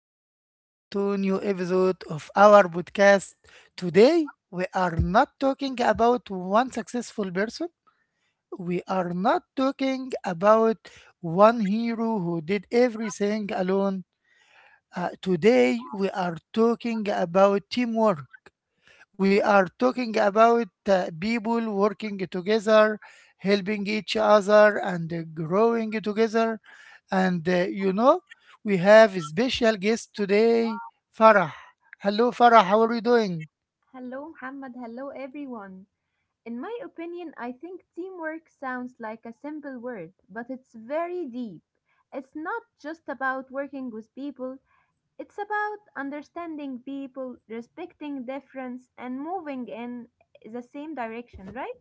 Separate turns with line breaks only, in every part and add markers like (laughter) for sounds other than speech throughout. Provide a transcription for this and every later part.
and welcome to new episode of our podcast. Today, we are not talking about one successful person. We are not talking about one hero who did everything alone. Today, we are talking about teamwork. We are talking about people working together, helping each other, and growing together. And we have a special guest today, Farah. Hello, Farah. How are you doing?
Hello, Muhammad. Hello, everyone. In my opinion, I think teamwork sounds like a simple word, but it's very deep. It's not just about working with people, it's about understanding people, respecting difference, and moving in the same direction, right?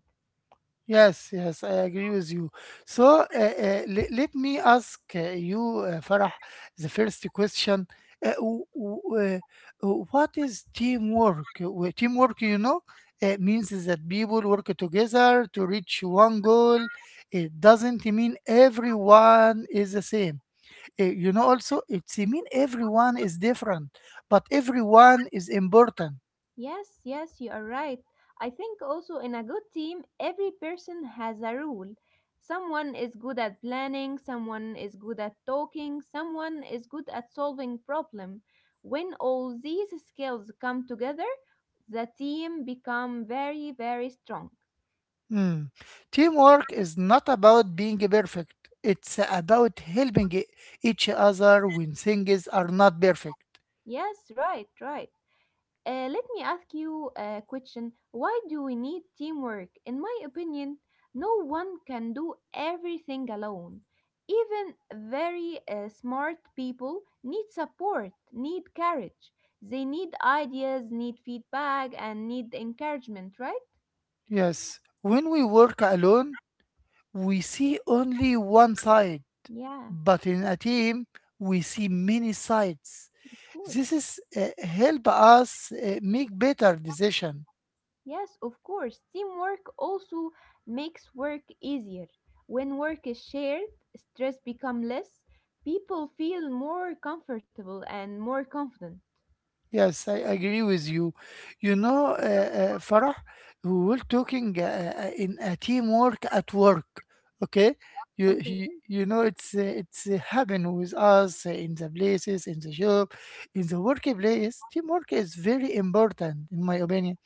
Yes, yes, I agree with you. So let me ask you, Farah, the first question. Uh, w- w- what is teamwork? Teamwork, means is that people work together to reach one goal. It doesn't mean everyone is the same. Also, it's mean everyone is different, but everyone is important.
Yes, yes, you are right. I think also in a good team, every person has a role. Someone is good at planning, someone is good at talking, someone is good at solving problem. When all these skills come together, the team become very, very strong.
Hmm. Teamwork is not about being perfect. It's about helping each other when things are not perfect.
Yes, right, right. Let me ask you a question. Why do we need teamwork? In my opinion, no one can do everything alone. Even very smart people need support, need courage. They need ideas, need feedback, and need encouragement, right?
Yes, when we work alone, we see only one side.
Yeah,
But in a team, we see many sides.
of course.
This is help us make better decision.
Yes, of course. Teamwork also makes work easier. When work is shared, stress becomes less, people feel more comfortable and more confident.
Yes, I agree with you. You know Farah, we were talking in a teamwork at work. Okay. you,
Okay,
you, you know it's happen with us in the places in the job. In the workplace, teamwork is very important, in my opinion.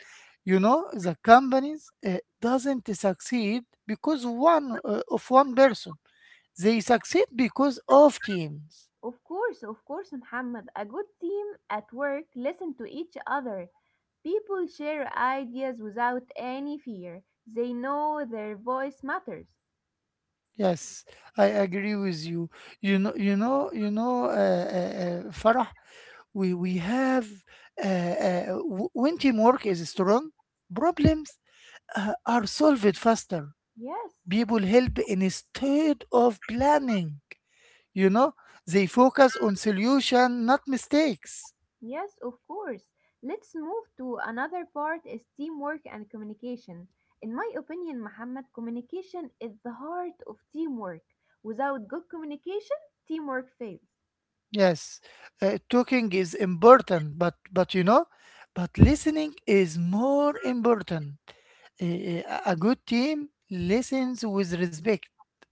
You know, the companies doesn't succeed because one of one person. They succeed because of teams.
of course, Muhammad. A good team at work listen to each other. People share ideas without any fear. They know their voice matters.
Yes, I agree with you. You know, you know, you know, Farah. We have when teamwork is strong, problems are solved faster.
Yes,
People help instead of planning. You know, they focus on solution, not mistakes.
yes, of course. Let's move to another part is teamwork and communication. In my opinion, Muhammad, communication is the heart of teamwork. Without good communication, teamwork fails.
Yes, talking is important, but you know, but listening is more important. A good team listens with respect.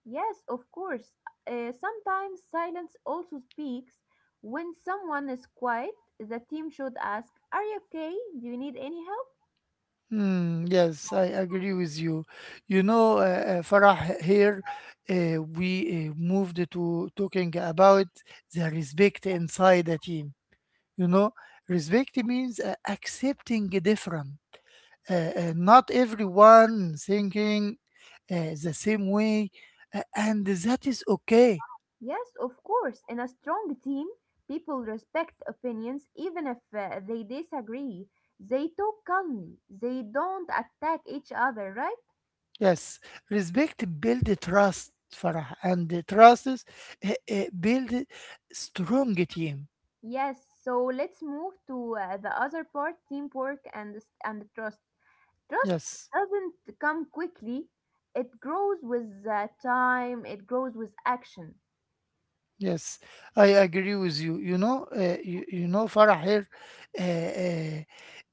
Yes, of course. Sometimes silence also speaks. When someone is quiet, the team should ask, are you okay? Do you need any help?
Hmm, yes, I agree with you. Farah, here we moved to talking about the respect inside the team. You know, respect means accepting different. Not everyone thinking the same way, and that is okay.
Yes, of course. In a strong team, people respect opinions even if they disagree. They talk calmly, they don't attack each other, right?
Yes, respect build trust, Farah, and the trust is, build strong team.
Yes, so let's move to the other part teamwork and trust. Trust
Yes,
doesn't come quickly, it grows with time, it grows with action.
yes, I agree with you. You, you know, Farah here. Uh, uh,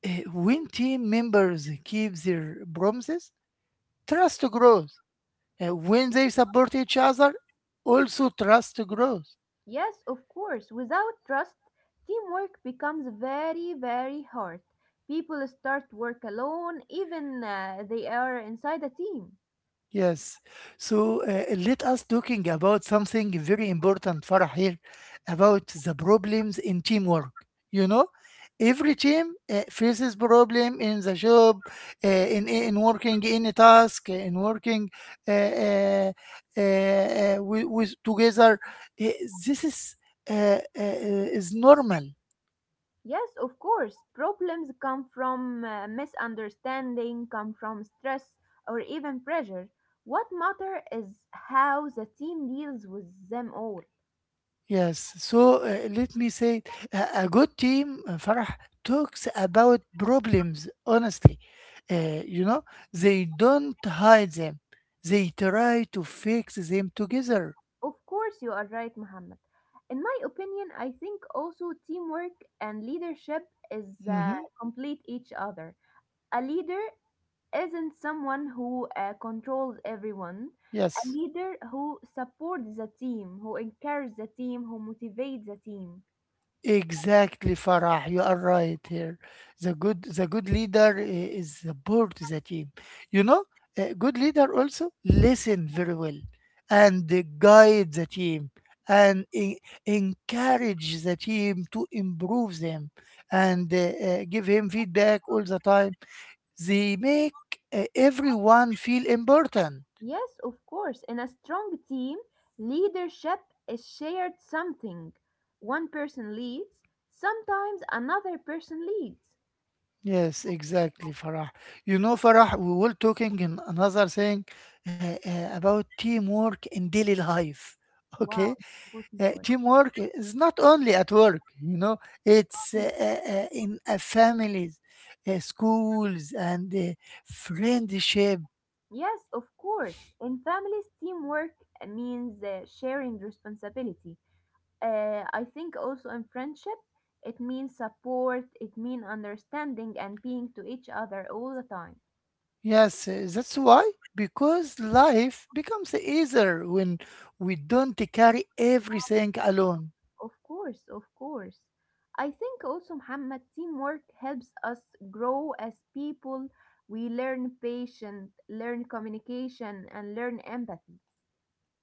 when team members keep their promises, trust grows. When they support each other, also trust grows.
Yes, of course. Without trust, teamwork becomes very, very hard. People start work alone, even they are inside a team.
Yes. So let us talking about something very important, Farah, here, about the problems in teamwork. You know, every team faces problem in the job, in working any task, in working uh, uh, with together. Uh, this uh, is normal.
Yes, of course. Problems come from misunderstanding, come from stress or even pressure. What matter is how the team deals with them all.
Yes. So let me say it. A good team, Farah, talks about problems honestly. You know, they don't hide them, they try to fix them together.
Of course, you are right, Muhammad. In my opinion, I think also teamwork and leadership is
Hmm.
complete each other. A leader isn't someone who controls everyone, a
Yes.
leader who supports the team, who encourages the team, who motivates the team.
Exactly, Farah. You are right here. The good leader is support the team. You know, a good leader also listen very well and guide the team and encourage the team to improve them and give him feedback all the time. They make everyone feel important.
Yes, of course, in a strong team, leadership is shared something. One person leads, sometimes another person leads.
Yes, exactly, Farah. You know, Farah, we were talking in another thing about teamwork in daily life. (laughs)
Wow,
Okay,
it's important
teamwork is not only at work. You know, it's
point.
in families, schools, and friendship.
Yes, of course. In families, teamwork means sharing responsibility. I think also in friendship, it means support, it means understanding and being to each other all the time.
Yes, that's why, because life becomes easier when we don't carry everything alone.
Of course, of course. I think also, Muhammad, teamwork helps us grow as people. We learn patience, learn communication, and learn empathy.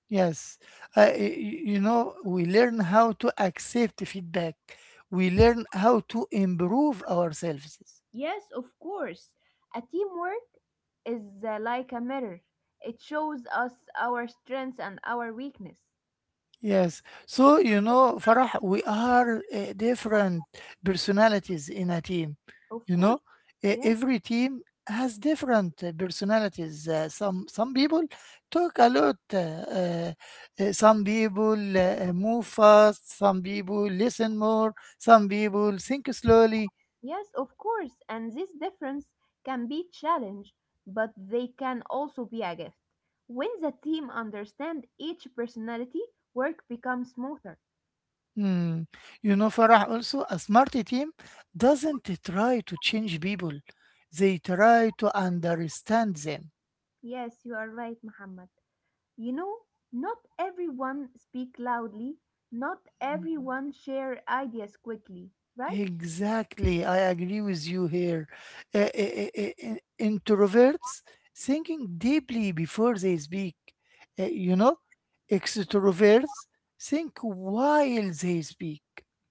Yes, uh, y- you know, we learn how to accept feedback. We learn how to improve ourselves.
Yes, of course. A teamwork is like a mirror, it shows us our strengths and our weakness.
Yes. So, you know, Farah, we are different personalities in a team.
Of
You
course.
know, every team has different personalities. Some people talk a lot. Uh, some people move fast. Some people listen more. Some people think slowly.
Yes, of course, and this difference can be challenge, but they can also be a gift. When the team understand each personality, work becomes smoother.
Hmm. You know, Farah, also a smart team doesn't try to change people. They try to understand them.
Yes, you are right, Muhammad. You know, not everyone speak loudly, not everyone share ideas quickly, right?
Exactly. I agree with you here. Uh, uh, uh, uh, Introverts thinking deeply before they speak. You know, extroverts think while they speak.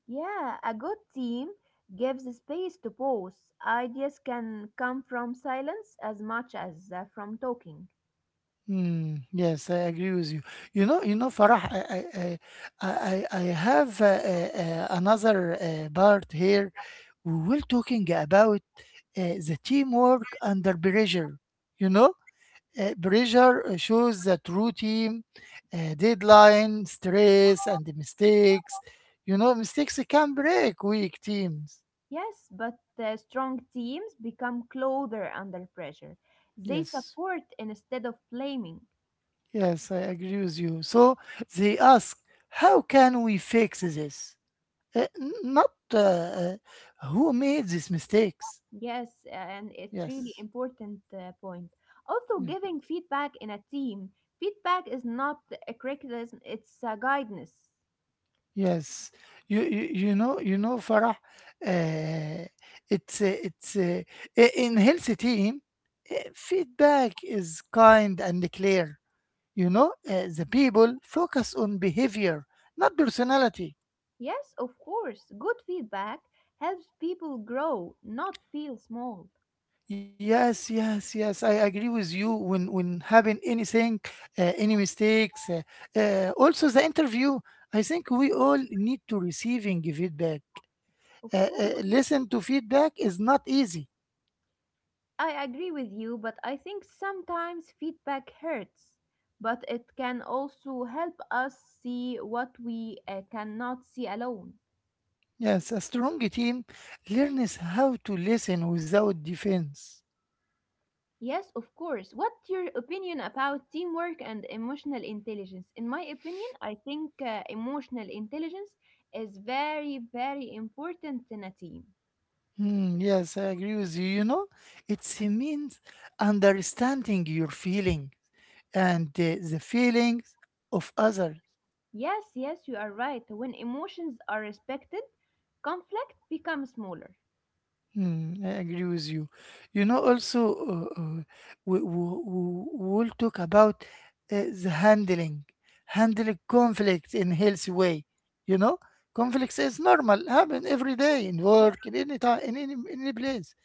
Yeah, a good team gives space to pause. Ideas can come from silence as much as from talking.
Hmm. Yes, I agree with you. Farah, I have another part here. We were talking about uh, the teamwork under pressure. You know, pressure shows that true team, deadline, stress, and the mistakes. You know, mistakes can break weak teams.
Yes, but strong teams become closer under pressure. They
Yes,
support instead of blaming.
yes, I agree with you. So they ask, how can we fix this? Uh, Not who made these mistakes.
Yes, and it's really
Yes,
important point. Also,
yeah,
giving feedback in a team. Feedback is not a criticism; it's a guidance.
yes. You know you know, Farah. Uh, it's uh, it's uh, in healthy team. Feedback is kind and clear. You know, the people focus on behavior, not personality.
Yes, of course. Good feedback helps people grow, not feel small.
Yes, yes, yes. I agree with you when having anything, any mistakes. Also, the interview. I think we all need to receiving feedback.
Of course.
Listen to feedback is not easy.
I agree with you, but I think sometimes feedback hurts. But it can also help us see what we cannot see alone.
Yes, a strong team learns how to listen without defense.
Yes, of course. What's your opinion about teamwork and emotional intelligence? In my opinion, I think emotional intelligence is very, very important in a team.
Hmm, yes, I agree with you. You know, it means understanding your feeling and the feelings of others.
Yes, yes, you are right. When emotions are respected, conflict becomes smaller.
Mm, I agree with you. You know, also, uh, uh, we, we, we'll talk about uh, the handling, handling conflict in healthy way. You know, conflicts is normal, happen every day in work, in any time, in any place.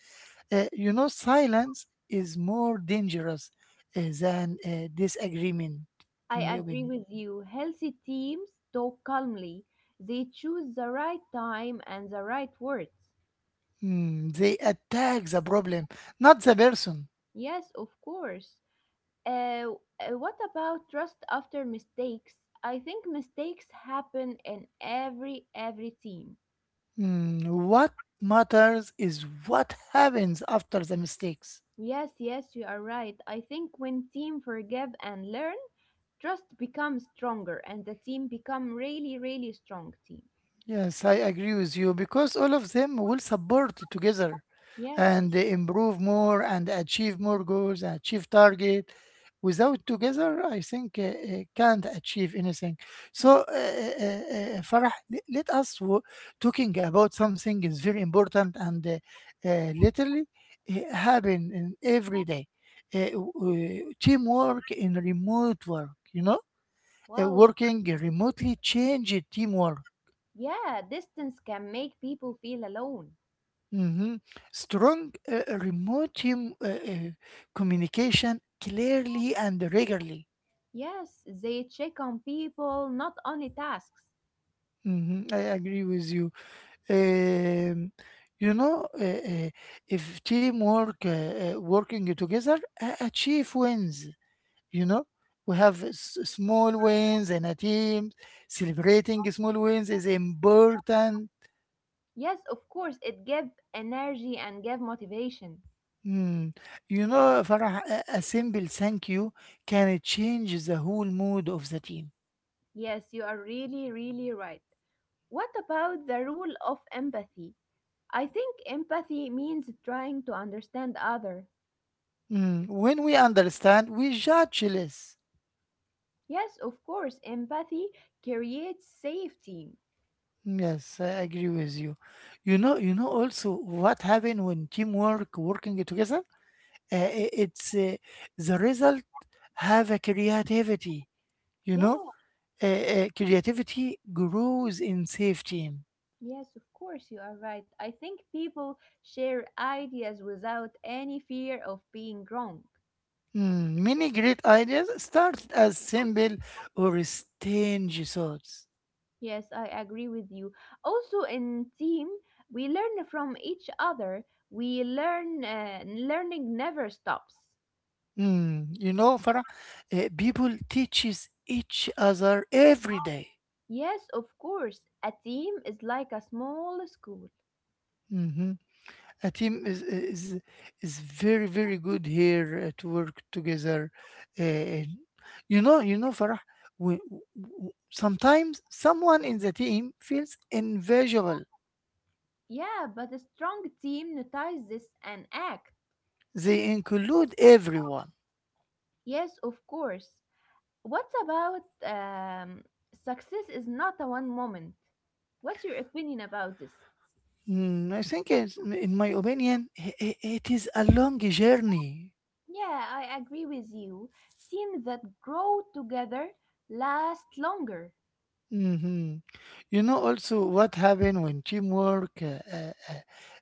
You know, silence is more dangerous than disagreement,
I
in my
agree
opinion.
with you. Healthy teams talk calmly. They choose the right time and the right words.
Mm, they attack the problem, not the person.
Yes, of course. Uh, what about trust after mistakes? I think mistakes happen in every team.
Mm, what matters is what happens after the mistakes.
Yes, yes, you are right. I think when team forgive and learn, trust becomes stronger and the team become really really strong team.
Yes, I agree with you, because all of them will support together
Yes, of
and improve more and achieve more goals and achieve target. Without together, I think can't achieve anything. So, Farah, let us talking about something is very important and literally happen in every day. Teamwork in remote work, you know,
wow.
working remotely change teamwork.
Yeah, distance can make people feel alone.
Mhm. Strong remote team, communication clearly and regularly.
Yes, they check on people, not only tasks.
Mhm. I agree with you. Um, you know, if teamwork, working together, achieve wins. You know, we have small wins in a team. Celebrating small wins is important.
Yes, of course, it gave energy and gave motivation.
Mm. You know, Farah, a simple thank you can change the whole mood of the team.
Yes, you are really, really right. What about the rule of empathy? I think empathy means trying to understand other.
Mm, when we understand, we judge less.
Yes, of course, empathy creates safety.
Yes, I agree with you. You know also what happened when teamwork working together. I- it's The result have a creativity. You
Yeah,
know, creativity grows in safe team.
yes, of course, you are right. I think people share ideas without any fear of being wrong.
Mm, many great ideas start as simple or stingy thoughts.
Yes, I agree with you. Also, in team, we learn from each other. We learn, learning never stops.
Mm, you know, Farah, people teaches each other every day.
Yes, of course, a team is like a small school.
Mm-hmm. A team is very very good here to work together. uh, you know you know, Farah, sometimes someone in the team feels invisible.
Yeah, but a strong team notices an act.
They include everyone.
Yes, of course. What about success is not a one moment? What's your opinion about this?
Mm, I think it's, in my opinion, it is a long journey.
Yeah, I agree with you. Teams that grow together last longer.
Mhm. You know also what happened when teamwork uh, uh,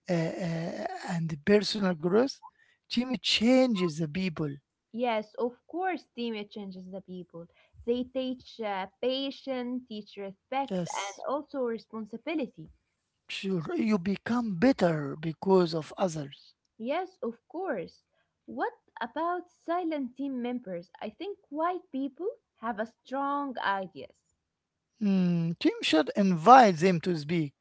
uh, uh, uh, and personal growth, team changes the people.
Yes, of course, teamwork changes the people. They teach patience, teach respect, and
Yes.
also responsibility.
Sure, you become better because of others.
Yes, of course. What about silent team members? I think quiet people have a strong ideas.
Mm, team should invite them to speak.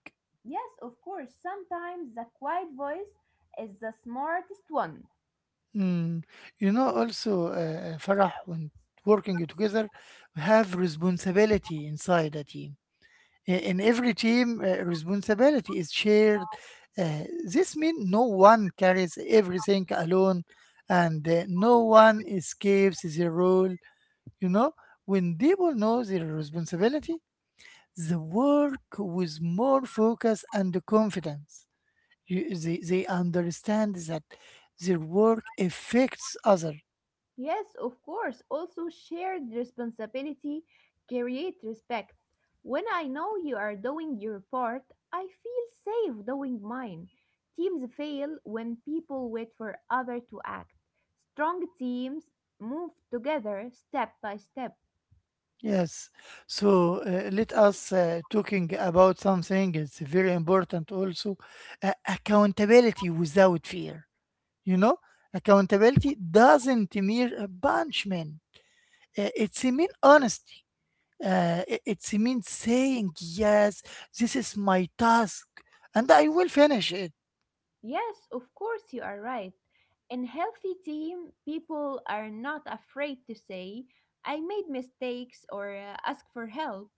Yes, of course. Sometimes the quiet voice is the smartest one.
Mm, you know, also, Farah, when working together, we have responsibility inside a team. In every team, responsibility is shared. Uh, this means no one carries everything alone and no one escapes their role. You know, when people know their responsibility, the work with more focus and confidence. They understand that their work affects other.
Yes, of course. Also, shared responsibility create respect. When I know you are doing your part, I feel safe doing mine. Teams fail when people wait for others to act. Strong teams move together step by step.
Yes. So let us talking about something. It's very important also. Accountability without fear. You know, accountability doesn't mean a punishment. It's a mean honesty. It's a mean saying yes. This is my task, and I will finish it.
Yes, of course you are right. In healthy team, people are not afraid to say I made mistakes or ask for help.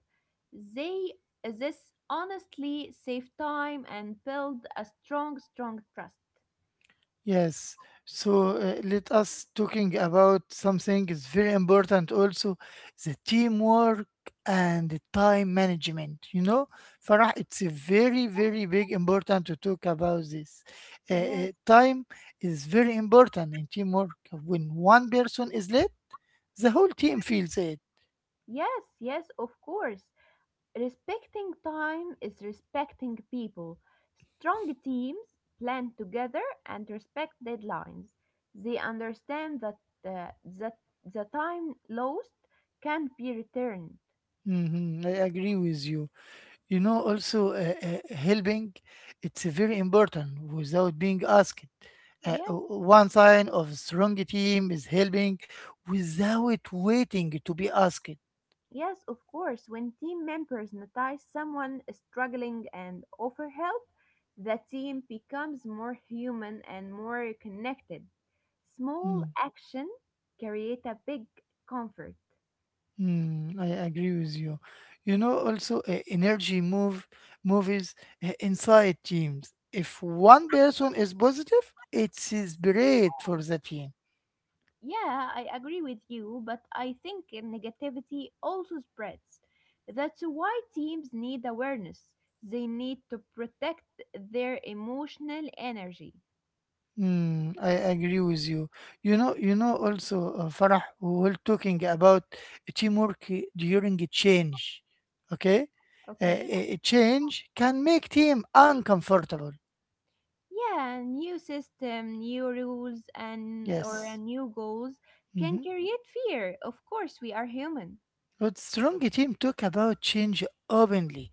They this honestly save time and build a strong, strong trust.
Yes. So let us talking about something is very important also, the teamwork and the time management. You know, Farah, it's a very, very big important to talk about this.
Yes,
Time is very important in teamwork. When one person is late, the whole team feels it.
yes, yes, of course. Respecting time is respecting people. Strong teams plan together and respect deadlines. They understand that uh, that the time lost can be returned.
Mhm, I agree with you. You know, also helping, it's very important without being asked.
Yes.
One sign of a strong team is helping without waiting to be asked.
Yes, of course. When team members notice someone struggling and offer help, the team becomes more human and more connected. Small
Mm,
action create a big comfort.
mm, I agree with you. You know, also energy move movies inside teams. If one person is positive, it's spread for the team.
Yeah, I agree with you, but I think negativity also spreads. That's why teams need awareness. They need to protect their emotional energy.
Mm, I agree with you. You know also, Farah, we were talking about teamwork during a change. Okay? Uh,
Okay?
a a change can make team uncomfortable.
Yeah, new system, new rules, and or
Yes.
new goals can
Mm-hmm.
create fear. Of course, we are human.
But strong team talk about change openly.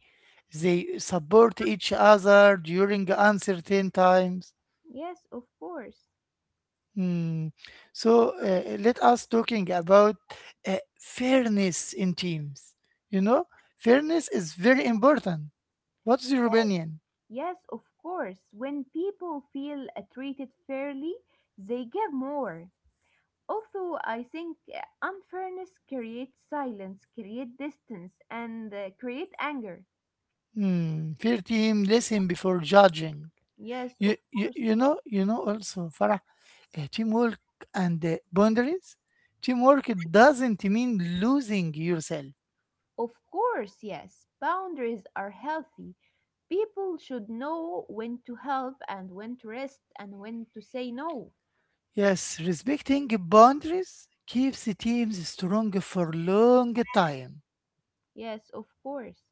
They support each other during uncertain times.
Yes, of course.
Hmm. So let us talking about fairness in teams. You know, fairness is very important. What's your opinion?
Yes, of course. When people feel treated fairly, they give more. Also, I think unfairness creates silence, create distance, and create anger.
Hmm. Fair team, listen before judging.
Yes,
Also, Farah, teamwork and boundaries. Teamwork doesn't mean losing yourself.
of course, yes, boundaries are healthy. People should know when to help and when to rest and when to say no.
Yes, respecting boundaries keeps teams strong for long time.
Yes, of course.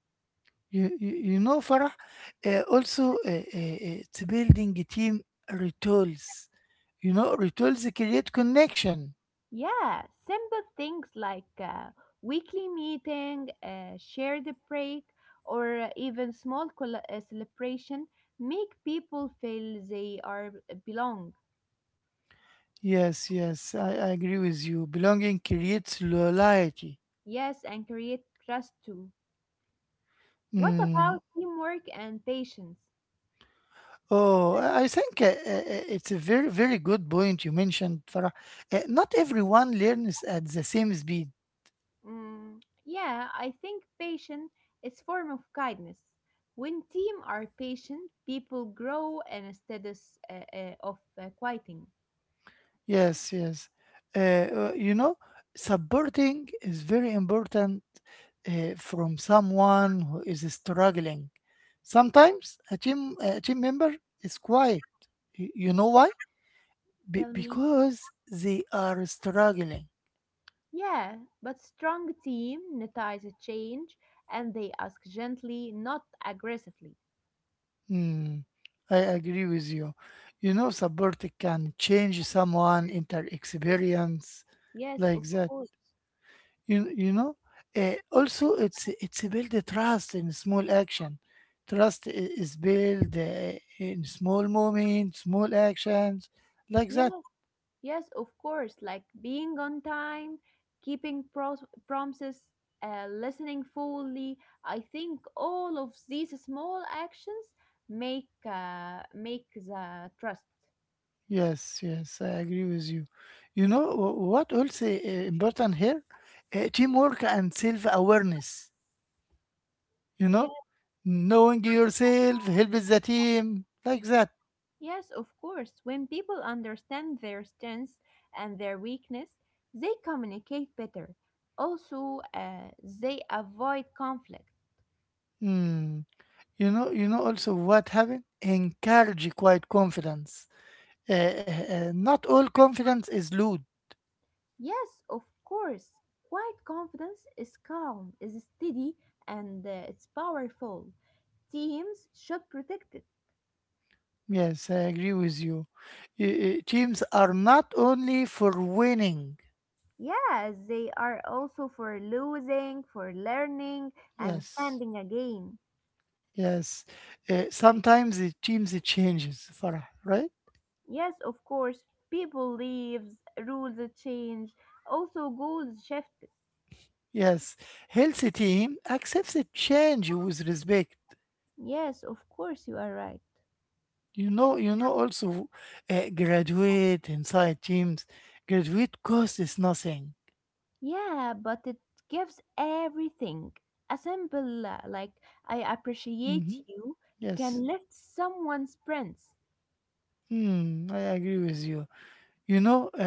You, you, you know, Farah, also it's building a team rituals. You know, rituals create connection.
Yeah, simple things like weekly meeting, shared break, or uh, even small celebration make people feel they are belong.
Yes, yes, I agree with you. Belonging creates loyalty.
Yes, and create trust too. What
Mm.
about teamwork and patience?
Oh, I think it's a very, very good point you mentioned, Farah. Not everyone learns at the same speed.
Mm, yeah, I think patience is form of kindness. When team are patient, people grow and instead of, of quieting.
Yes, yes. Uh, uh, you know, Supporting is very important from someone who is struggling. Sometimes a team member is quiet. You know why? Be-
Tell me.
because they are struggling.
Yeah, but strong team notice a change and they ask gently, not aggressively.
Hmm, I agree with you. You know, support can change someone inter experience
Yes,
like
of
that.
course.
You know, also it's build a trust in small action. Trust is built in small moments, small actions like that.
Yes, of course, like being on time, keeping promises, listening fully. I think all of these small actions make the trust.
Yes, yes, I agree with you. You know what also important here? Teamwork and self awareness. You know,
Yes,
knowing yourself helps the team like that.
yes, of course. When people understand their strengths and their weakness, they communicate better. Also, they avoid conflict.
Mm. You know also what happened. Encourage quiet confidence. Not all confidence is loot.
Yes, of course. Quiet confidence is calm, is steady, and it's powerful. Teams should protect it.
Yes, I agree with you. Teams are not only for winning.
Yes, they are also for losing, for learning, and
Yes,
standing again.
yes. Sometimes the teams changes, Farah, right?
Yes, of course. People leaves, rules change, also goals shift.
Yes, healthy team accepts a change with respect.
Yes, of course, you are right.
You know. Also, graduate inside teams. Graduate cost is nothing.
Yeah, but it gives everything. A simple, like, I appreciate
Mhm.
you
Yes,
can lift someone's sprints.
I agree with you. You know, uh,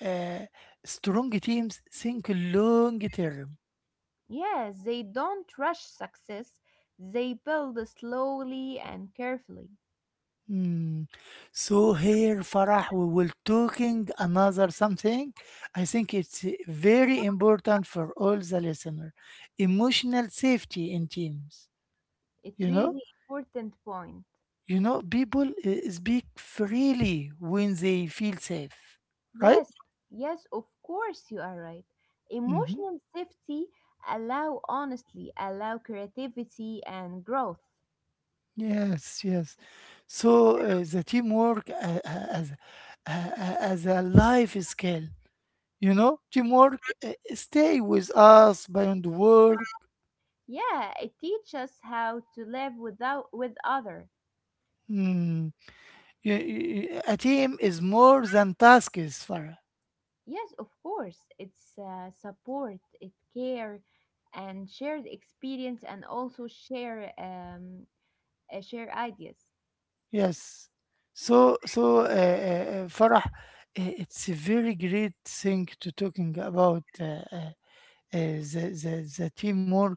uh, uh, strong teams think long term.
Yes, they don't rush success, they build slowly and carefully.
Hmm. So here, Farah, we will talking another something. I think it's very important for all the listener. Emotional safety in teams.
It's
You know,
really important point.
you know, people speak freely when they feel safe, right?
Yes, yes, of course you are right.
Hmm.
Emotional safety allow honestly, allow creativity and growth.
Yes, yes. So the teamwork as a life skill. You know, teamwork stay with us beyond work.
Yeah, it teaches us how to live without with other.
Hmm. A team is more than tasks, Farah.
Yes, of course. It's support, it care, and shared experience, and also share share ideas.
Yes. So, Farah, it's a very great thing to talking about the teamwork.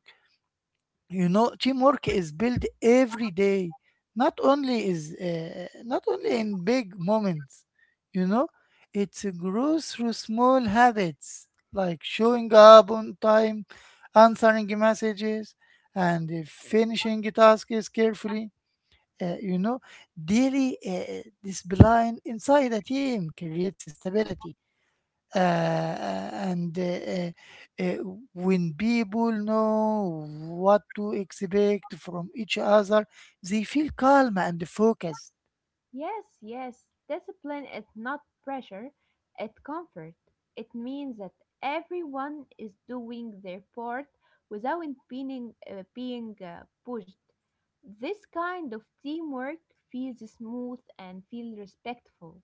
You know, teamwork is built every day, not only in big moments. You know, it grows through small habits like showing up on time, answering messages, and finishing tasks carefully. uh, you know Daily discipline inside a team creates stability. Uh, uh, and uh, uh, when people know what to expect from each other, they feel calm and focused.
Yes, yes. Discipline is not pressure; it comfort. It means that everyone is doing their part without being pushed. This kind of teamwork feels smooth and feels respectful.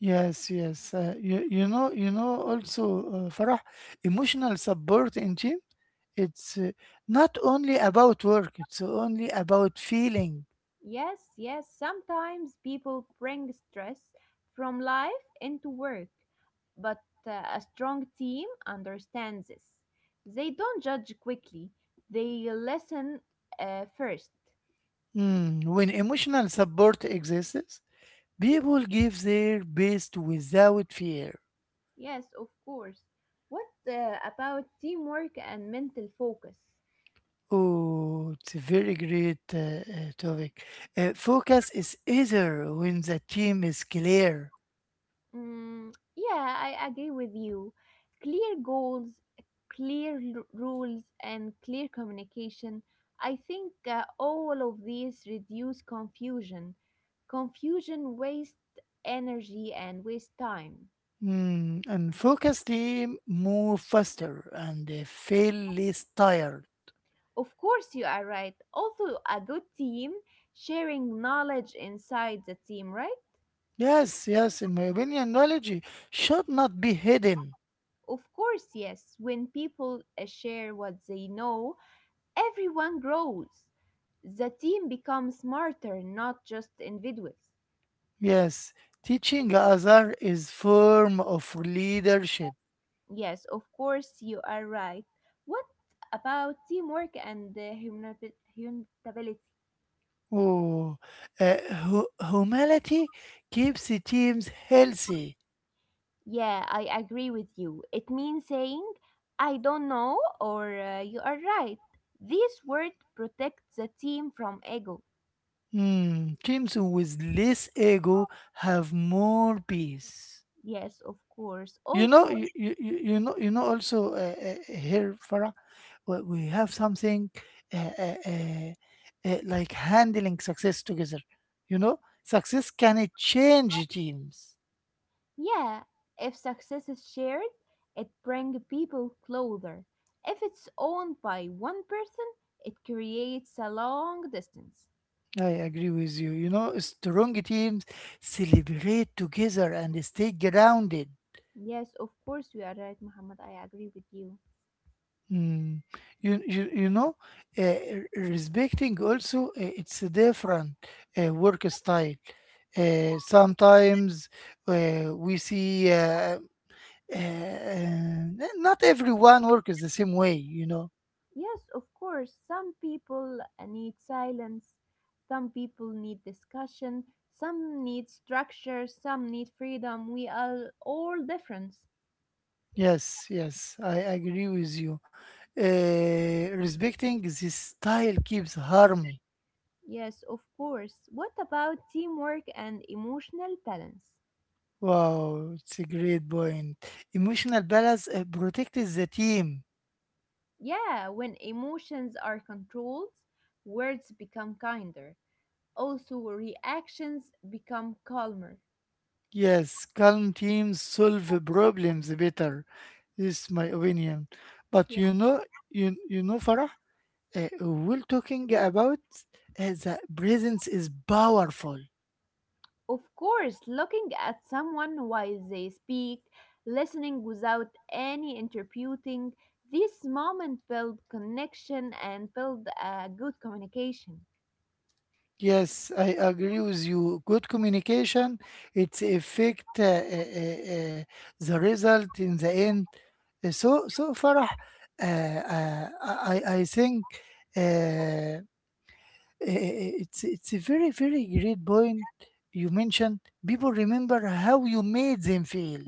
Yes, yes. You know. Also, Farah, emotional support in team. It's not only about work. It's only about feeling.
Yes, yes, sometimes people bring stress from life into work, but a strong team understands this. They don't judge quickly, they listen first.
When emotional support exists, people give their best without fear.
Yes, of course. What about teamwork and mental focus?
Oh, it's a very great topic. Focus is easier when the team is clear.
Mm, yeah, I agree with you. Clear goals, rules, and clear communication. I think all of these reduce confusion. Confusion wastes energy and wastes time.
And focus team move faster and they feel less tired.
Of course, you are right. Also, a good team sharing knowledge inside the team, right?
Yes, yes, in my opinion, knowledge should not be hidden.
Of course, yes. When people share what they know, everyone grows. The team becomes smarter, not just individuals.
Yes, teaching other is form of leadership.
Yes, of course, you are right. What about teamwork and humanability?
Oh, uh, humility keeps the teams healthy.
Yeah, I agree with you. It means saying, I don't know, or you are right. This word protects the team from ego.
Hmm, teams with less ego have more peace.
Yes, of course.
You know,
Also,
you know, you know. Also, here, Farah, we have something uh, uh, uh, like handling success together. You know, success can change teams.
yeah, if success is shared, it brings people closer. If it's owned by one person, it creates a long distance.
I agree with you. You know, strong teams celebrate together and stay grounded.
Yes, of course, you are right, Muhammad. I agree with you.
Mm. You know, uh, respecting also it's a different work style. Sometimes we see not everyone works the same way.
Yes, of course, some people need silence, some people need discussion, some need structure, some need freedom. We are all different.
Yes, yes, I agree with you. Respecting this style keeps harmony.
Yes, of course. What about teamwork and emotional balance?
Wow, it's a great point. Emotional balance protects the team.
Yeah, when emotions are controlled, words become kinder. Also, reactions become calmer.
Yes, calm teams solve problems better. This is my opinion. But
Yeah.
you know, Farah, we're talking about the presence is powerful.
Of course, looking at someone while they speak, listening without any interpreting, this moment build connection and build a good communication.
Yes, I agree with you. Good communication, it's affect the result in the end. So, Farah, I think. Uh, it's a very very great point you mentioned. People remember how you made them feel.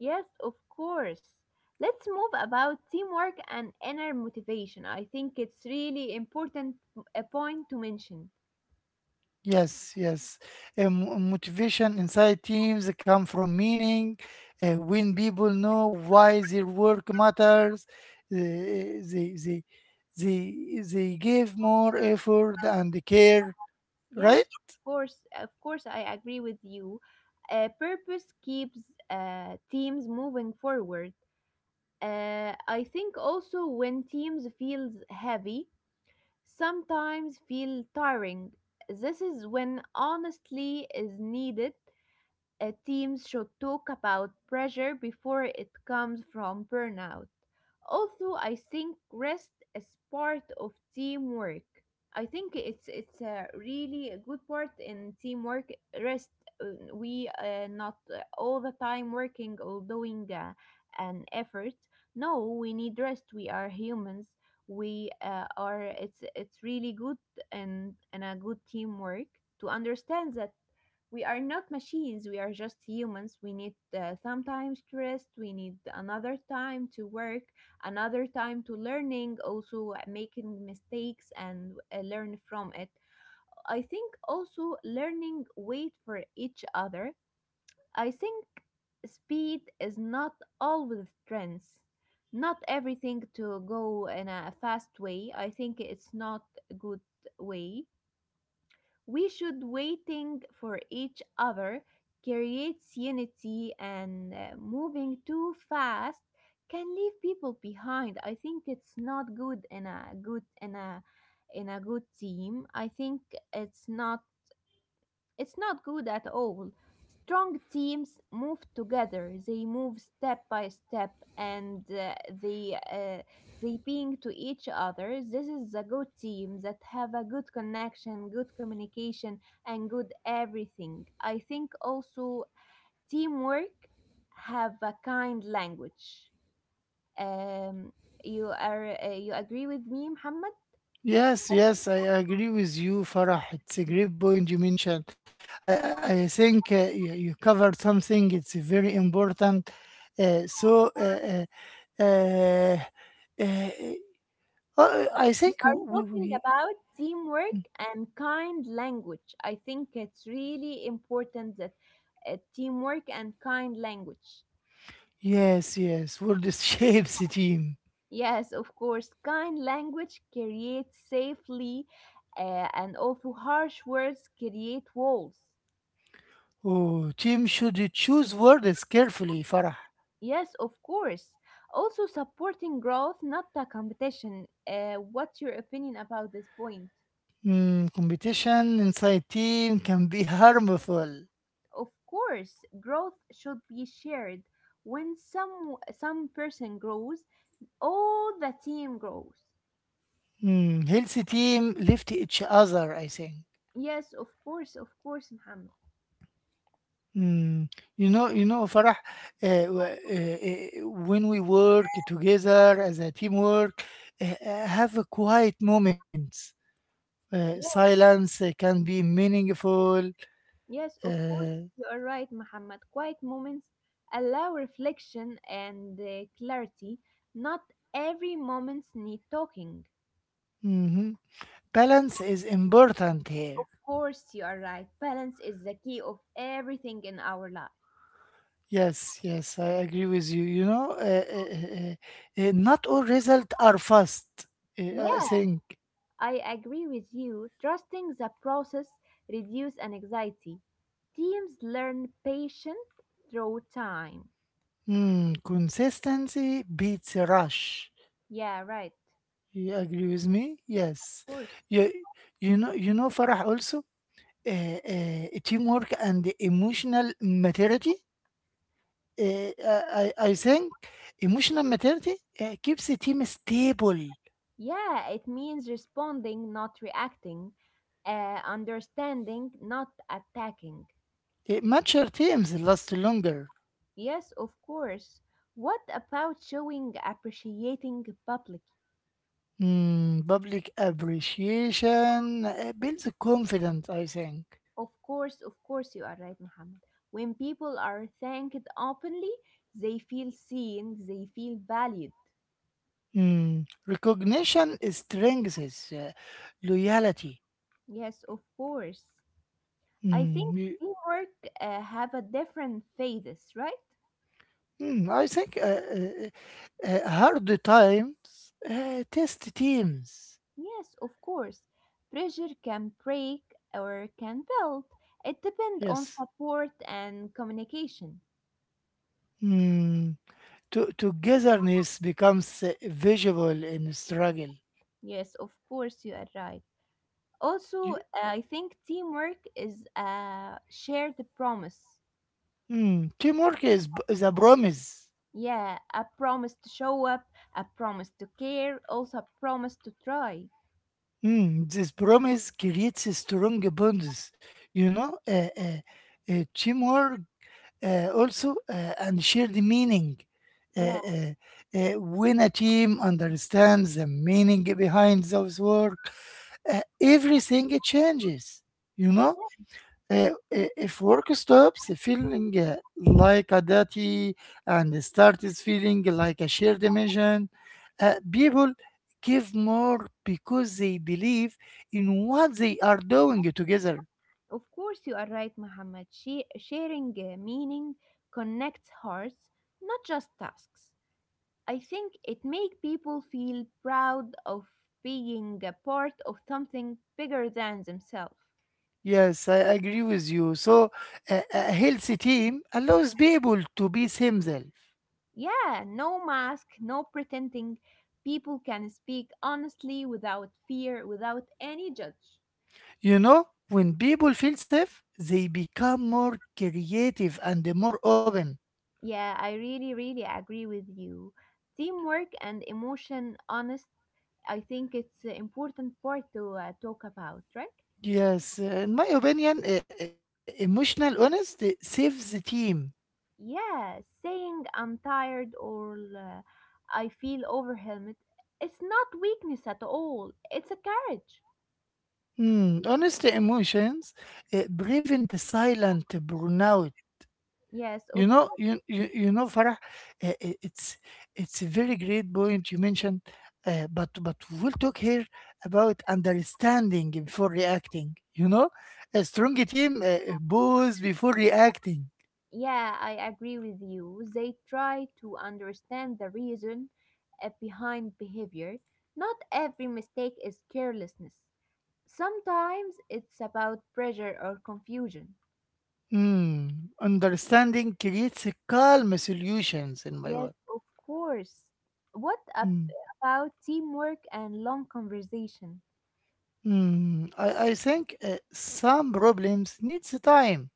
Yes, of course. Let's move about teamwork and inner motivation. I think it's really important a point to mention.
Yes, yes. Motivation inside teams come from meaning. When people know why their work matters, eh, they they they give more effort and care,
Yes,
right?
of course, I agree with you. Purpose keeps teams moving forward. I think also when teams feels heavy, sometimes feel tiring. This is when honestly is needed. Teams should talk about pressure before it comes from burnout. Also, I think rest is part of teamwork. I think it's a really a good part in teamwork. Rest, we not all the time working or doing an effort. No, we need rest. We are humans. We are. It's really good and a good teamwork to understand that we are not machines, we are just humans. We need sometimes to rest, we need another time to work, another time to learning. Also, making mistakes and learn from it. I think also learning wait for each other. I think speed is not always strength. Not everything to go in a fast way. I think it's not a good way. We should waiting for each other creates unity, and moving too fast can leave people behind. I think it's not good in a good in a good team. I think it's not, it's not good at all. Strong teams move together. They move step by step, and they uh, they being to each other. This is a good team that have a good connection, good communication, and good everything. I think also teamwork have a kind language. Um, you are you agree with me, Muhammad?
Yes, yes, I agree with you, Farah. It's a great point you mentioned. I think you covered something. It's very important. Uh, so, uh, uh, uh, uh, uh, I think we,
Talking
we
about teamwork and kind language. I think it's really important that teamwork and kind language.
Yes, yes, word is (laughs) shapes the team.
Yes, of course, kind language creates safely, and also harsh words create walls.
Oh, team should choose words carefully, Farah.
Yes, of course. Also, supporting growth, not the competition. What's your opinion about this point?
Competition inside team can be harmful.
Of course, growth should be shared. When some person grows, all the team grows.
Healthy team lift each other, I think.
Yes, of course, Muhammad.
Mm, you know, Farah, when we work together as a teamwork, have a quiet moments.
Yes,
Silence can be meaningful.
yes, of course,
Uh,
you are right, Muhammad. Quiet moments allow reflection and clarity. Not every moments need talking.
mhm. Balance is important
Of
here.
course, you are right. Balance is the key of everything in our life.
Yes, yes, I agree with you. You know, not all results are fast. I
Yeah,
think
I agree with you. Trusting the process reduce an anxiety. Teams learn patience through time.
consistency beats a rush.
Yeah, right. Of
You agree with me? Yes.
course.
You you know you know, Farah, also teamwork and emotional maturity. Uh, I think emotional maturity keeps the team stable.
Yeah, it means responding, not reacting, understanding, not attacking.
Mature teams last longer.
Yes, of course. What about showing appreciating publicly?
Public appreciation builds confidence. I think.
Of course, you are right, Muhammad. When people are thanked openly, they feel seen, they feel valued.
Recognition strengthens loyalty.
Yes, of course. I think
Mm, you,
teamwork have a different phases, right?
I think hard times test teams.
Yes, of course. Pressure can break or can build. It depends on
Yes.
support and communication.
Mm, togetherness becomes visible in struggle.
Yes, of course, you are right. Also,
You-
I think teamwork is a shared promise.
teamwork is a promise.
Yeah, a promise to show up, a promise to care, also a promise to try.
This promise creates a strong bonds. You know, teamwork, also and shared meaning. Uh,
Yeah,
uh, when a team understands the meaning behind those work, everything changes. You know, if work stops, feeling like a duty and starts feeling like a shared mission, people give more because they believe in what they are doing together.
of course, you are right, Muhammad. Sharing meaning connects hearts, not just tasks. I think it makes people feel proud of being a part of something bigger than themselves.
Yes, I agree with you. So, a healthy team allows people to be themselves.
Yeah, no mask, no pretending. People can speak honestly without fear, without any judge.
You know, when people feel safe, they become more creative and more open.
Yeah, I really, really agree with you. Teamwork and emotion honest, I think it's an important part to talk about, right?
Yes, in my opinion, emotional honesty saves the team.
Yeah, saying I'm tired or I feel overwhelmed, it's not weakness at all. It's a courage.
Hmm, honest emotions prevent silent burnout.
Yes, of
You know, Farah, uh, uh, it's it's a very great point you mentioned. But we'll talk here about understanding before reacting. You know, a strong team bows before reacting.
yeah, I agree with you. They try to understand the reason behind behavior. Not every mistake is carelessness. Sometimes it's about pressure or confusion.
Hmm, understanding creates a calm solutions in my
Yes, of course. What ab-
world.
about teamwork and long conversation?
Hmm, I think some problems needs time.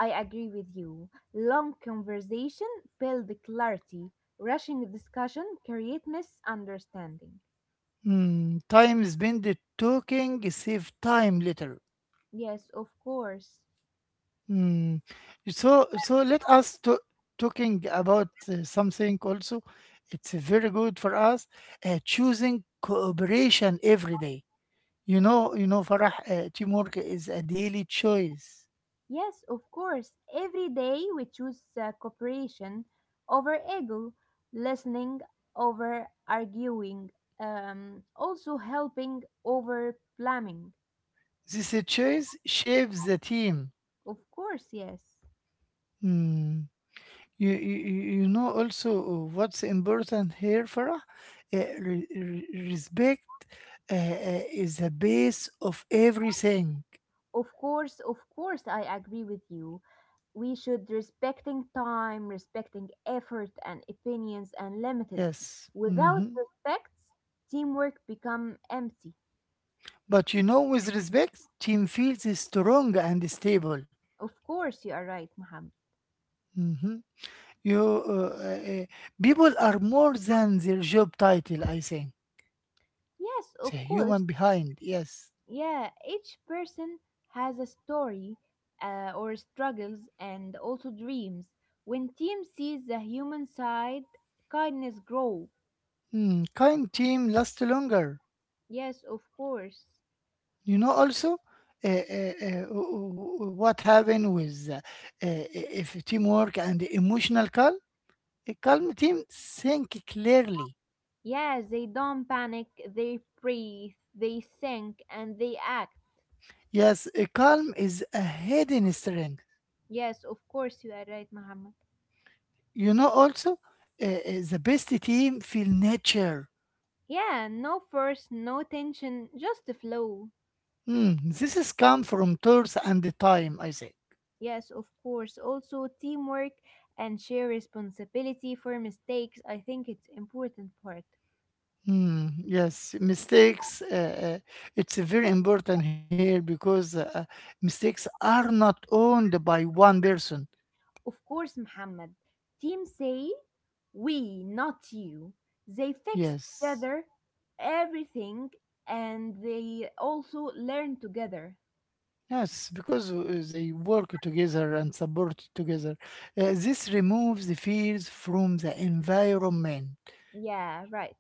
I agree with you. Long conversation build clarity. Rushing discussion create misunderstanding.
Hmm, time spent talking save time later.
Yes, of course.
Hmm, so let us talking about something also. It's very good for us choosing cooperation every day. You know, Farah, teamwork is a daily choice.
Yes, of course. Every day we choose cooperation over ego, listening over arguing, also helping over blaming.
This choice shapes the team.
Of course, yes.
Hmm. You know also, what's important here, Farah? Respect uh, is the base of everything.
Of course, I agree with you. We should respecting time, respecting effort and opinions and limited.
Yes.
Without
Mhm.
respects, teamwork become empty.
But you know, with respect, team feels strong and stable.
Of course, you are right, Muhammad.
Mhm. You people are more than their job title. I think
Yes,
the
of course.
human behind. Yes.
Yeah, each person has a story or struggles and also dreams. When team sees the human side, kindness grow.
Hmm, kind team lasts longer.
Yes, of course.
You know also, uh, uh, uh, what happened with, if teamwork and emotional calm. A calm team think clearly.
Yes, they don't panic, they breathe, they think, and they act.
Yes, a calm is a hidden strength.
Yes, of course, you are right, Muhammad.
You know also, the best team feel nature.
Yeah, no force, no tension, just the flow.
Hmm, this is come from tools and the time I say.
Yes, of course. Also, teamwork and share responsibility for mistakes. I think it's important part.
Hmm, yes, mistakes, it's very important here because mistakes are not owned by one person.
Of course, Muhammad. Team say we, not you. They fix
Yes.
together everything, and they also learn together.
Yes, because they work together and support together. This removes the fears from the environment.
Yeah, right.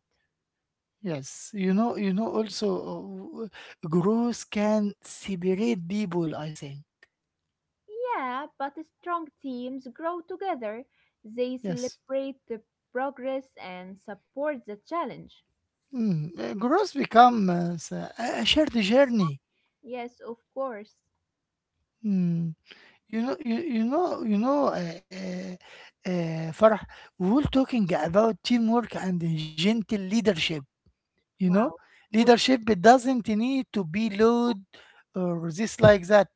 Yes. Also, growth can separate people. I think.
Yeah, but strong teams grow together. They
Yes,
celebrate the progress and support the challenge.
mm. Growth becomes a shared journey.
Yes, of course.
Mm. You know. Farah, we were talking about teamwork and gentle leadership. You know,
Wow. But
leadership, it doesn't need to be loud or this like that.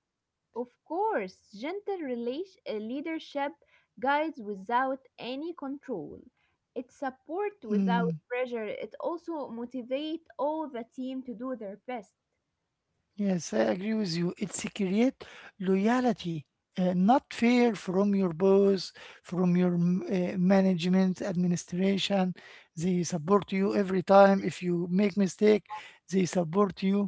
of course, gentle relation, leadership guides without any control. It support without
Mm,
pressure. It also motivate all the team to do their best.
yes, I agree with you. It's create loyalty, not fear from your boss, from your management administration. They support you every time if you make mistake. They support you,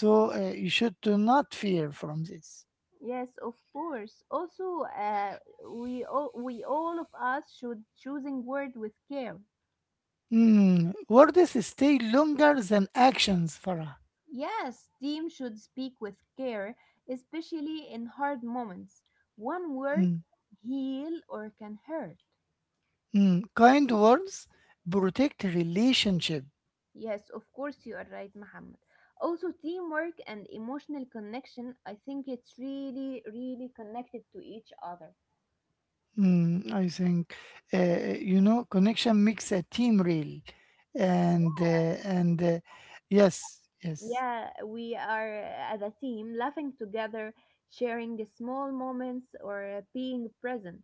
so you should do not fear from this.
Yes, of course. Also, we all of us should choosing word with care.
Mm. Words stay longer than actions, Farah.
Yes, teams should speak with care, especially in hard moments. One word
Mm.
can heal or can hurt.
Kind words protect relationship.
Yes, of course you are right, Muhammad. Also, teamwork and emotional connection, I think it's really, really connected to each other.
I think you know, connection makes a team real, and uh, and yes, yes.
Yeah, we are as a team laughing together, sharing the small moments, or being present.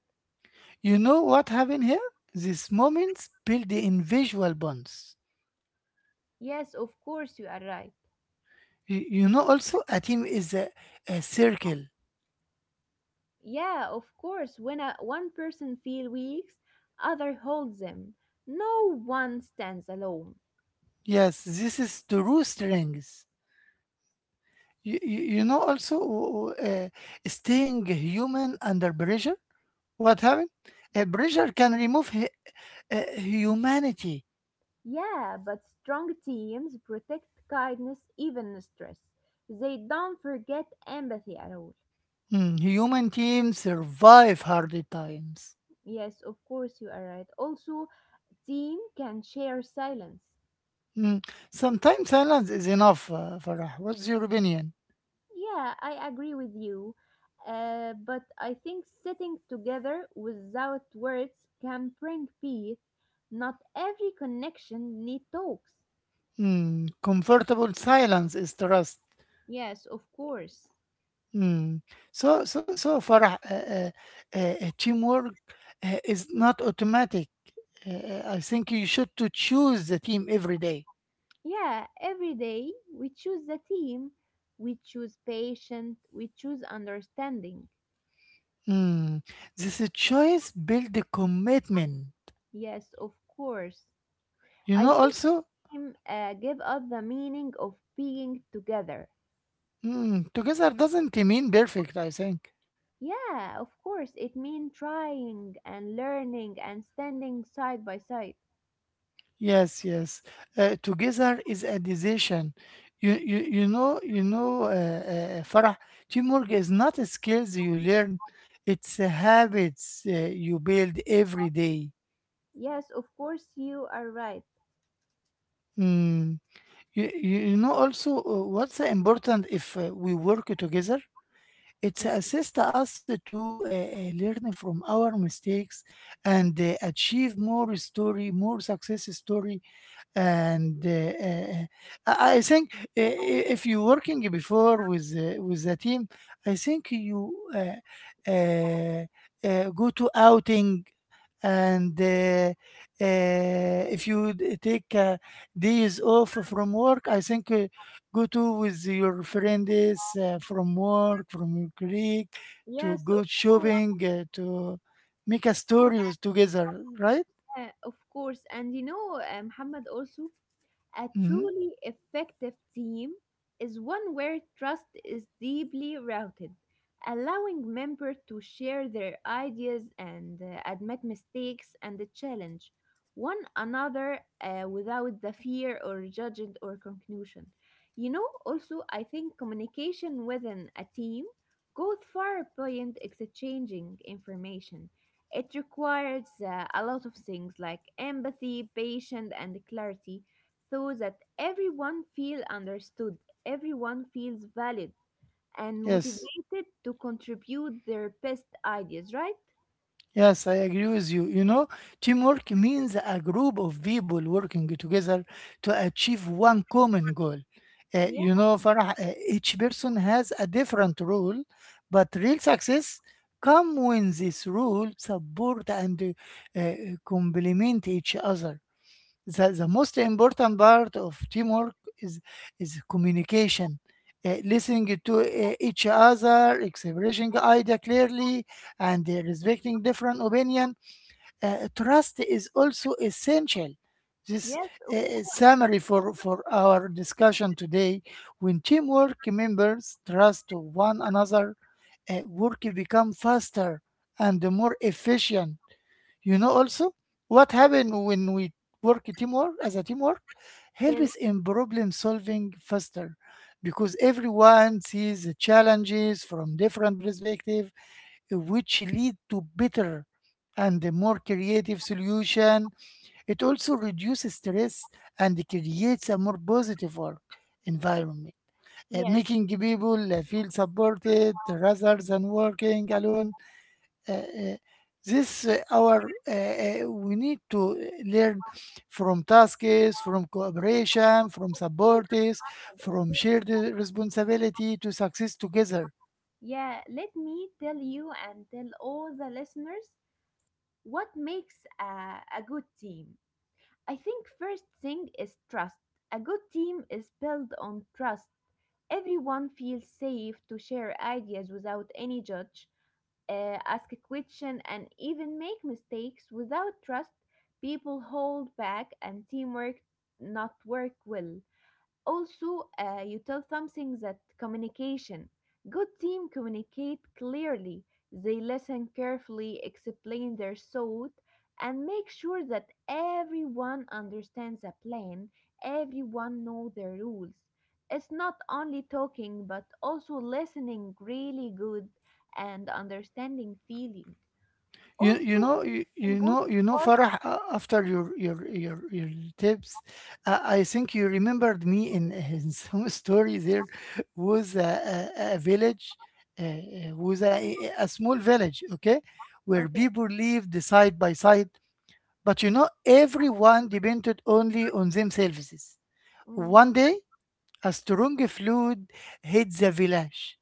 You know what happened here? These moments build the invisible bonds.
Yes, of course you are right.
You know also, a team is a circle.
Yeah, of course. When a, one person feels weak, other holds them. No one stands alone.
Yes, this is the true strength. You know also, staying human under pressure. What happened? A pressure can remove humanity.
Yeah, but strong teams protect kindness even in stress. They don't forget empathy at all.
Human teams survive hard times.
Yes, of course you are right. Also, team can share silence.
Mm, Sometimes silence is enough, Farah. What's your opinion?
Yeah, I agree with you. But I think sitting together without words can bring peace. Not every connection need talks.
Comfortable silence is trust.
Yes, of course.
Mm, So, so, so, Farah, teamwork is not automatic. I think you should to choose the team every day.
Yeah, every day we choose the team, we choose patient, we choose understanding.
Mm, This choice build the commitment.
Yes, of course.
You
I
know,
think
also,
team give us the meaning of being together.
together doesn't mean perfect, I think.
Yeah, of course, it means trying and learning and standing side by side.
Yes, yes. Together is a decision. You know, Farah, teamwork is not a skills you learn, it's a habits you build every day.
Yes, of course, you are right.
Mm. You know also, what's important if we work together? It's assist us to learn from our mistakes and achieve more story, more success story and I think if you're working before with the team, I think you uh, go to outing and uh, if you take days off from work, I think go to with your friends from work, from your colleague, to
Yes,
go
of course.
shopping, to make a
Of course,
story with together, right?
yeah, of course. And you know, Muhammad, also, a
Hmm.
truly effective team is one where trust is deeply rooted, allowing members to share their ideas and admit mistakes and challenge one another without the fear or judgment or conclusion. You know, also, I think communication within a team goes far beyond exchanging information. It requires a lot of things like empathy, patience, and clarity so that everyone feel understood, everyone feels valid and
Yes.
motivated to contribute their best ideas, right?
Yes, I agree with you. You know, teamwork means a group of people working together to achieve one common goal.
Yeah,
You know, Farah, each person has a different role, but real success come when this role support and uh, complement each other. The most important part of teamwork is communication, listening to each other, expressing idea clearly, and respecting different opinion. Trust is also essential. This
yes, of course.
summary for our discussion today. When teamwork members trust one another, work become faster and more efficient. You know also what happens when we work teamwork as a teamwork
Tell-
helps in problem solving faster because everyone sees the challenges from different perspective which lead to better and a more creative solution. It also reduces stress and creates a more positive work environment,
yes,
making
of
people feel supported rather than working alone, uh, uh, this our, we need to learn from tasks, from cooperation, from
course.
supports,
And of
from
course.
shared responsibility to success together.
Yeah, let me tell you and tell all the listeners what makes a good team. I think first thing is trust. A good team is built on trust. Everyone feels safe to share ideas without any judge, ask a question, and even make mistakes. Without trust, people hold back and teamwork not work well. Also, you tell something that communication good team communicate clearly, they listen carefully, explain their thought, and make sure that everyone understands the plan, everyone know the rules. It's not only talking but also listening really good and understanding feeling.
You you
Also
know you, you know
important
you know
part.
Farah, after your tips, I think you remembered me in (laughs) some story. There was a village, was a small village, okay, where
Okay.
people lived side by side. But you know everyone depended only on themselves.
Mm,
One day a strong flood hit the village,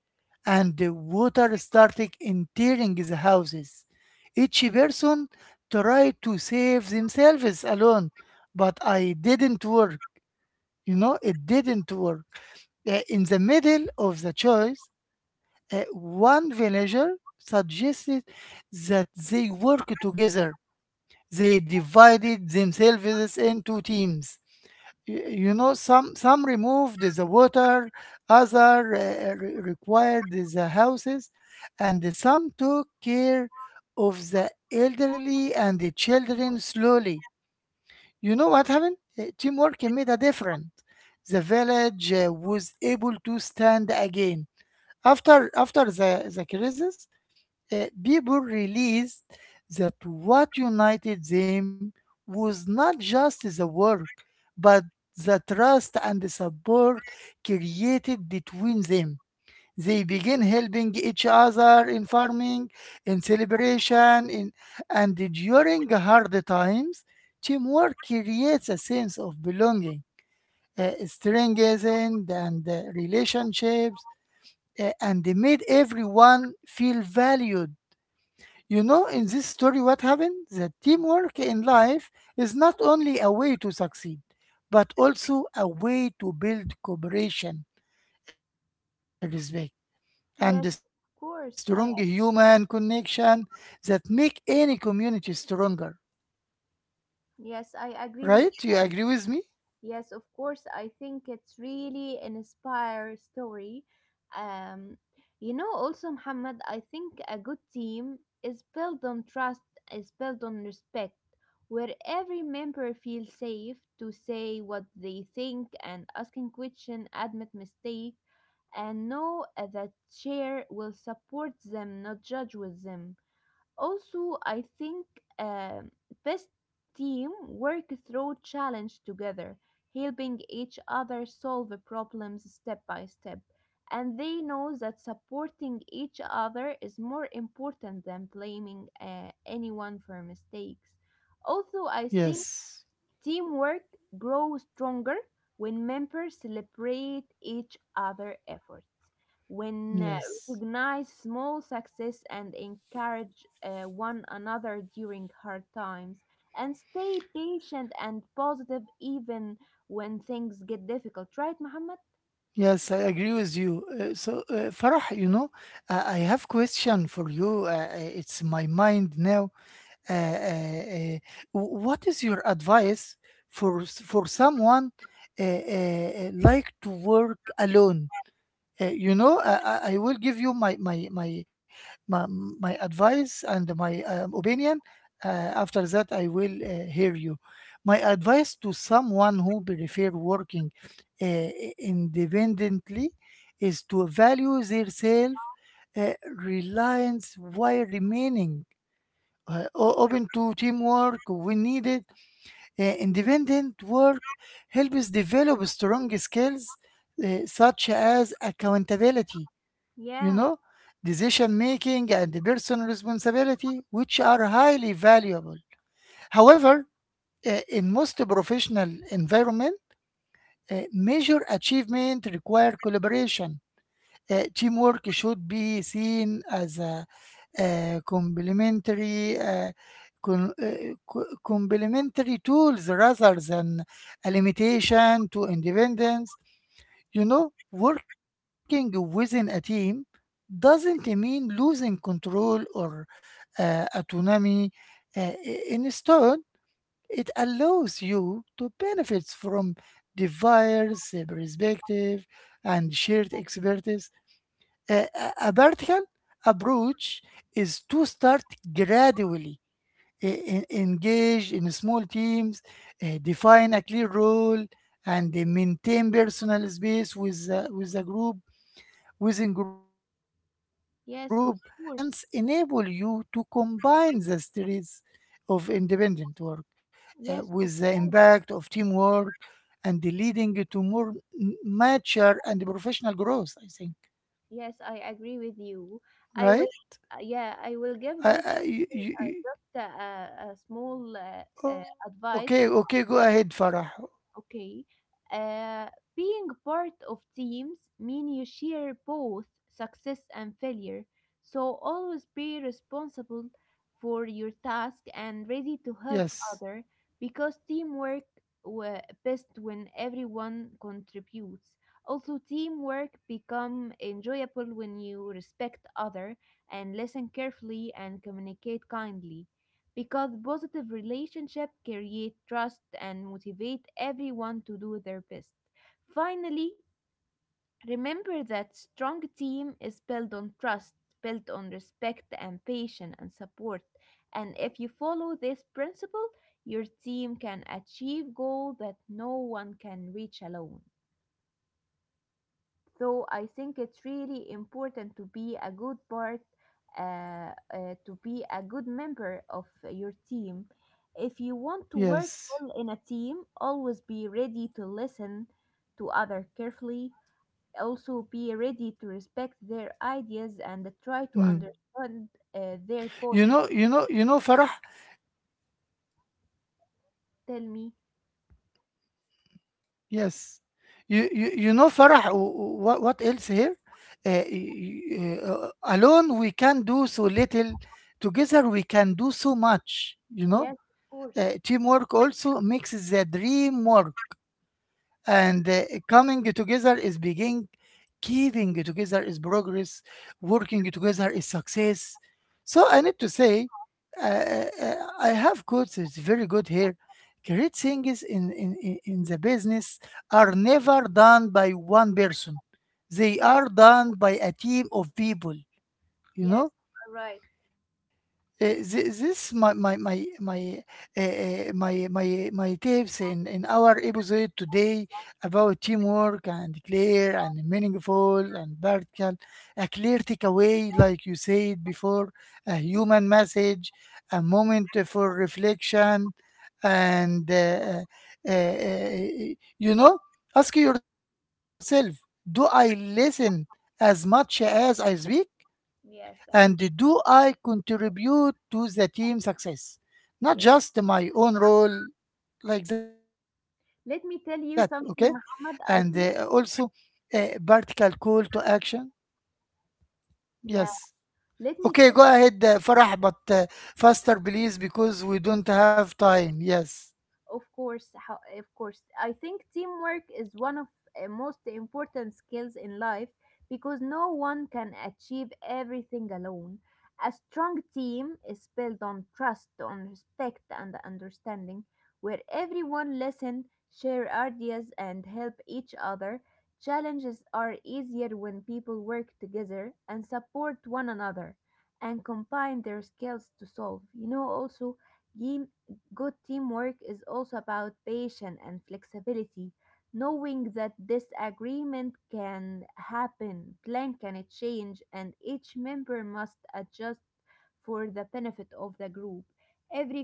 and the water started entering the houses. Each person tried to save themselves alone, but I didn't work. You know, it didn't work. In the middle of the choice, one villager suggested that they work together. They divided themselves into teams. You know, some removed the water, other required the houses, and some took care of the elderly and the children slowly. You know what happened? Teamwork made a difference. The village was able to stand again after after the crisis. People realized that what united them was not just the work, but the trust and the support created between them. They began helping each other in farming, in celebration, and during hard times. Teamwork creates a sense of belonging, strengthened and relationships, and made everyone feel valued. You know, in this story, what happened? That teamwork in life is not only a way to succeed, but also a way to build cooperation and respect and a strong
yes
human
of course
connection
I.
that make any community stronger. Right? You
Yes, I
agree with
agree
me?
with. Yes, of course. I think it's really an inspire story. Um, you know, also Muhammad, I think a good team is built on trust, is built on respect, where every member feels safe to say what they think and asking question, admit mistake, and know that chair will support them, not judge with them. Also, I think um, best team work through challenge together, helping each other solve the problems step by step. And they know that supporting each other is more important than blaming anyone for mistakes. Also, I think
Yes.
teamwork grows stronger when members celebrate each other's efforts, when
Yes.
recognize small success and encourage one another during hard times, and stay patient and positive even when things get difficult. Right, Muhammad?
Yes, I agree with you. So, Farah, you know, I have question for you. It's my mind now. uh, uh, uh, what is your advice for someone like to work alone? You know, I will give you my advice and my opinion. Uh, After that, I will hear you. My advice to someone who prefer working independently is to value their self reliance while remaining open to teamwork. We need it. Independent work helps develop strong skills such as accountability, you
Yeah.
know, decision making, and personal responsibility, which are highly valuable. However, in most professional environment, major achievement require collaboration. Teamwork should be seen as a, uh, complementary uh, con- uh, complementary tools rather than a limitation to independence. You know, working within a team doesn't mean losing control or autonomy. Uh, Instead, it allows you to benefit from diverse perspective and shared expertise. A vertical approach is to start gradually, engage in small teams, define a clear role, and maintain personal space with a group, within group. Uh, this
Yes, of
balance
course.
enable you to combine the strengths of independent work
Yes,
with
of
the
course.
impact of teamwork and leading to more mature and professional growth, I think,
Yes, I agree with you. I will,
right?
yeah, I will give the children
I,
just
you, you, you-
a small
Okay,
advice.
okay, go ahead, Farah.
Okay. Uh, Being part of teams mean you share both success and failure. So always be responsible for your task and ready to help other because
Yes,
teamwork best when everyone contributes. Also teamwork become enjoyable when you respect other and listen carefully and communicate kindly because positive relationship create trust and motivate everyone to do their best. Finally, remember that strong team is built on trust, built on respect and patience and support. And if you follow this principle, your team can achieve goals that no one can reach alone. So I think it's really important to be a good part, to be a good member of your team. If you want to work well in a team,
yes.
always be ready to listen to other carefully. Also, be ready to respect their ideas and try to
Mm.
understand
You know, you
their
know, you
point.
know, Farah.
Tell me.
Yes, you know, Farah. What else here? Uh, y- Alone we can do so little. Together we can do so much. You know,
Yes, of course.
teamwork also makes the dream work. And coming together is beginning, keeping together is progress, working together is success. So I need to say, I have quotes, it's very good here. Great things in the business are never done by one person, they
Yes,
are done by a team of people, you
yes,
know.
you're right.
This my tips in our episode today about teamwork and clear and meaningful and practical, a clear takeaway like you said before, a human message, a moment for reflection, and uh, uh, you know, ask yourself, do I listen as much as I speak
Yes,
and
I
do I contribute to the team success? Not
yes.
just my own role, like that, okay?
Let me tell
And
you something,
also
Muhammad. I think,
a vertical call to action. Yes.
yeah.
Okay, go
Let me
ahead, Farah, but faster, please, because we don't have time. Yes.
of course, how, of course. I think teamwork is one of most important skills in life because no one can achieve everything alone. A strong team is built on trust, on respect, and understanding, where everyone listen, share ideas, and help each other. Challenges are easier when people work together and support one another and combine their skills to solve. You know, also, game. Good teamwork is also about patience and flexibility, knowing that disagreement can happen, plan can change, and each member must adjust for the benefit of the group. Every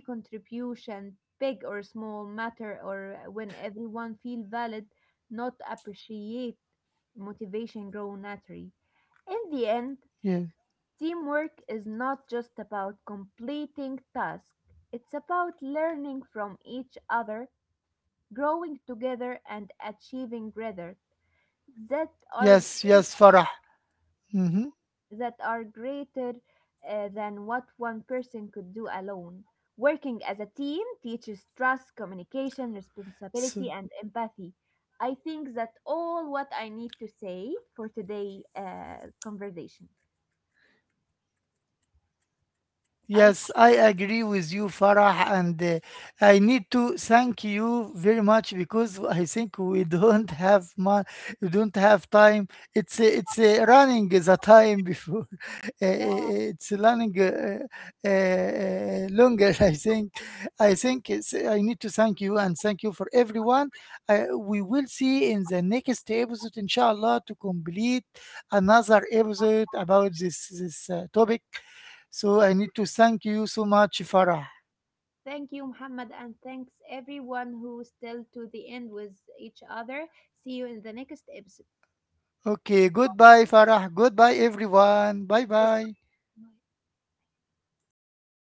Yes,
contribution,
Farah,
big
this
or
my
small,
need to
matter
say
or
also.
when everyone feel
Uh,
valid, not appreciate, motivation grow naturally. In the end, teamwork is
yeah.
not just about completing tasks, it's about learning from each other, growing together, and achieving results that are,
Yes,
great-
yes, Farah. Mm-hmm.
that are greater than what one person could do alone. Working as a team teaches trust, communication, responsibility, and
So,
empathy. I think that all what I need to say for today conversation. I
yes, I agree with you, Farah, and I need to thank you very much because I think we don't have time. It's running the time before (laughs) it's running longer. (laughs) I think I need to thank you and thank you for everyone. We will see in the next episode, inshallah, to complete another episode about this topic. So I need to thank you so much, Farah.
thank you, Muhammad, and thanks everyone who still to the end with each other. See you in the next episode.
Okay, goodbye, Farah. Goodbye, everyone. Bye bye.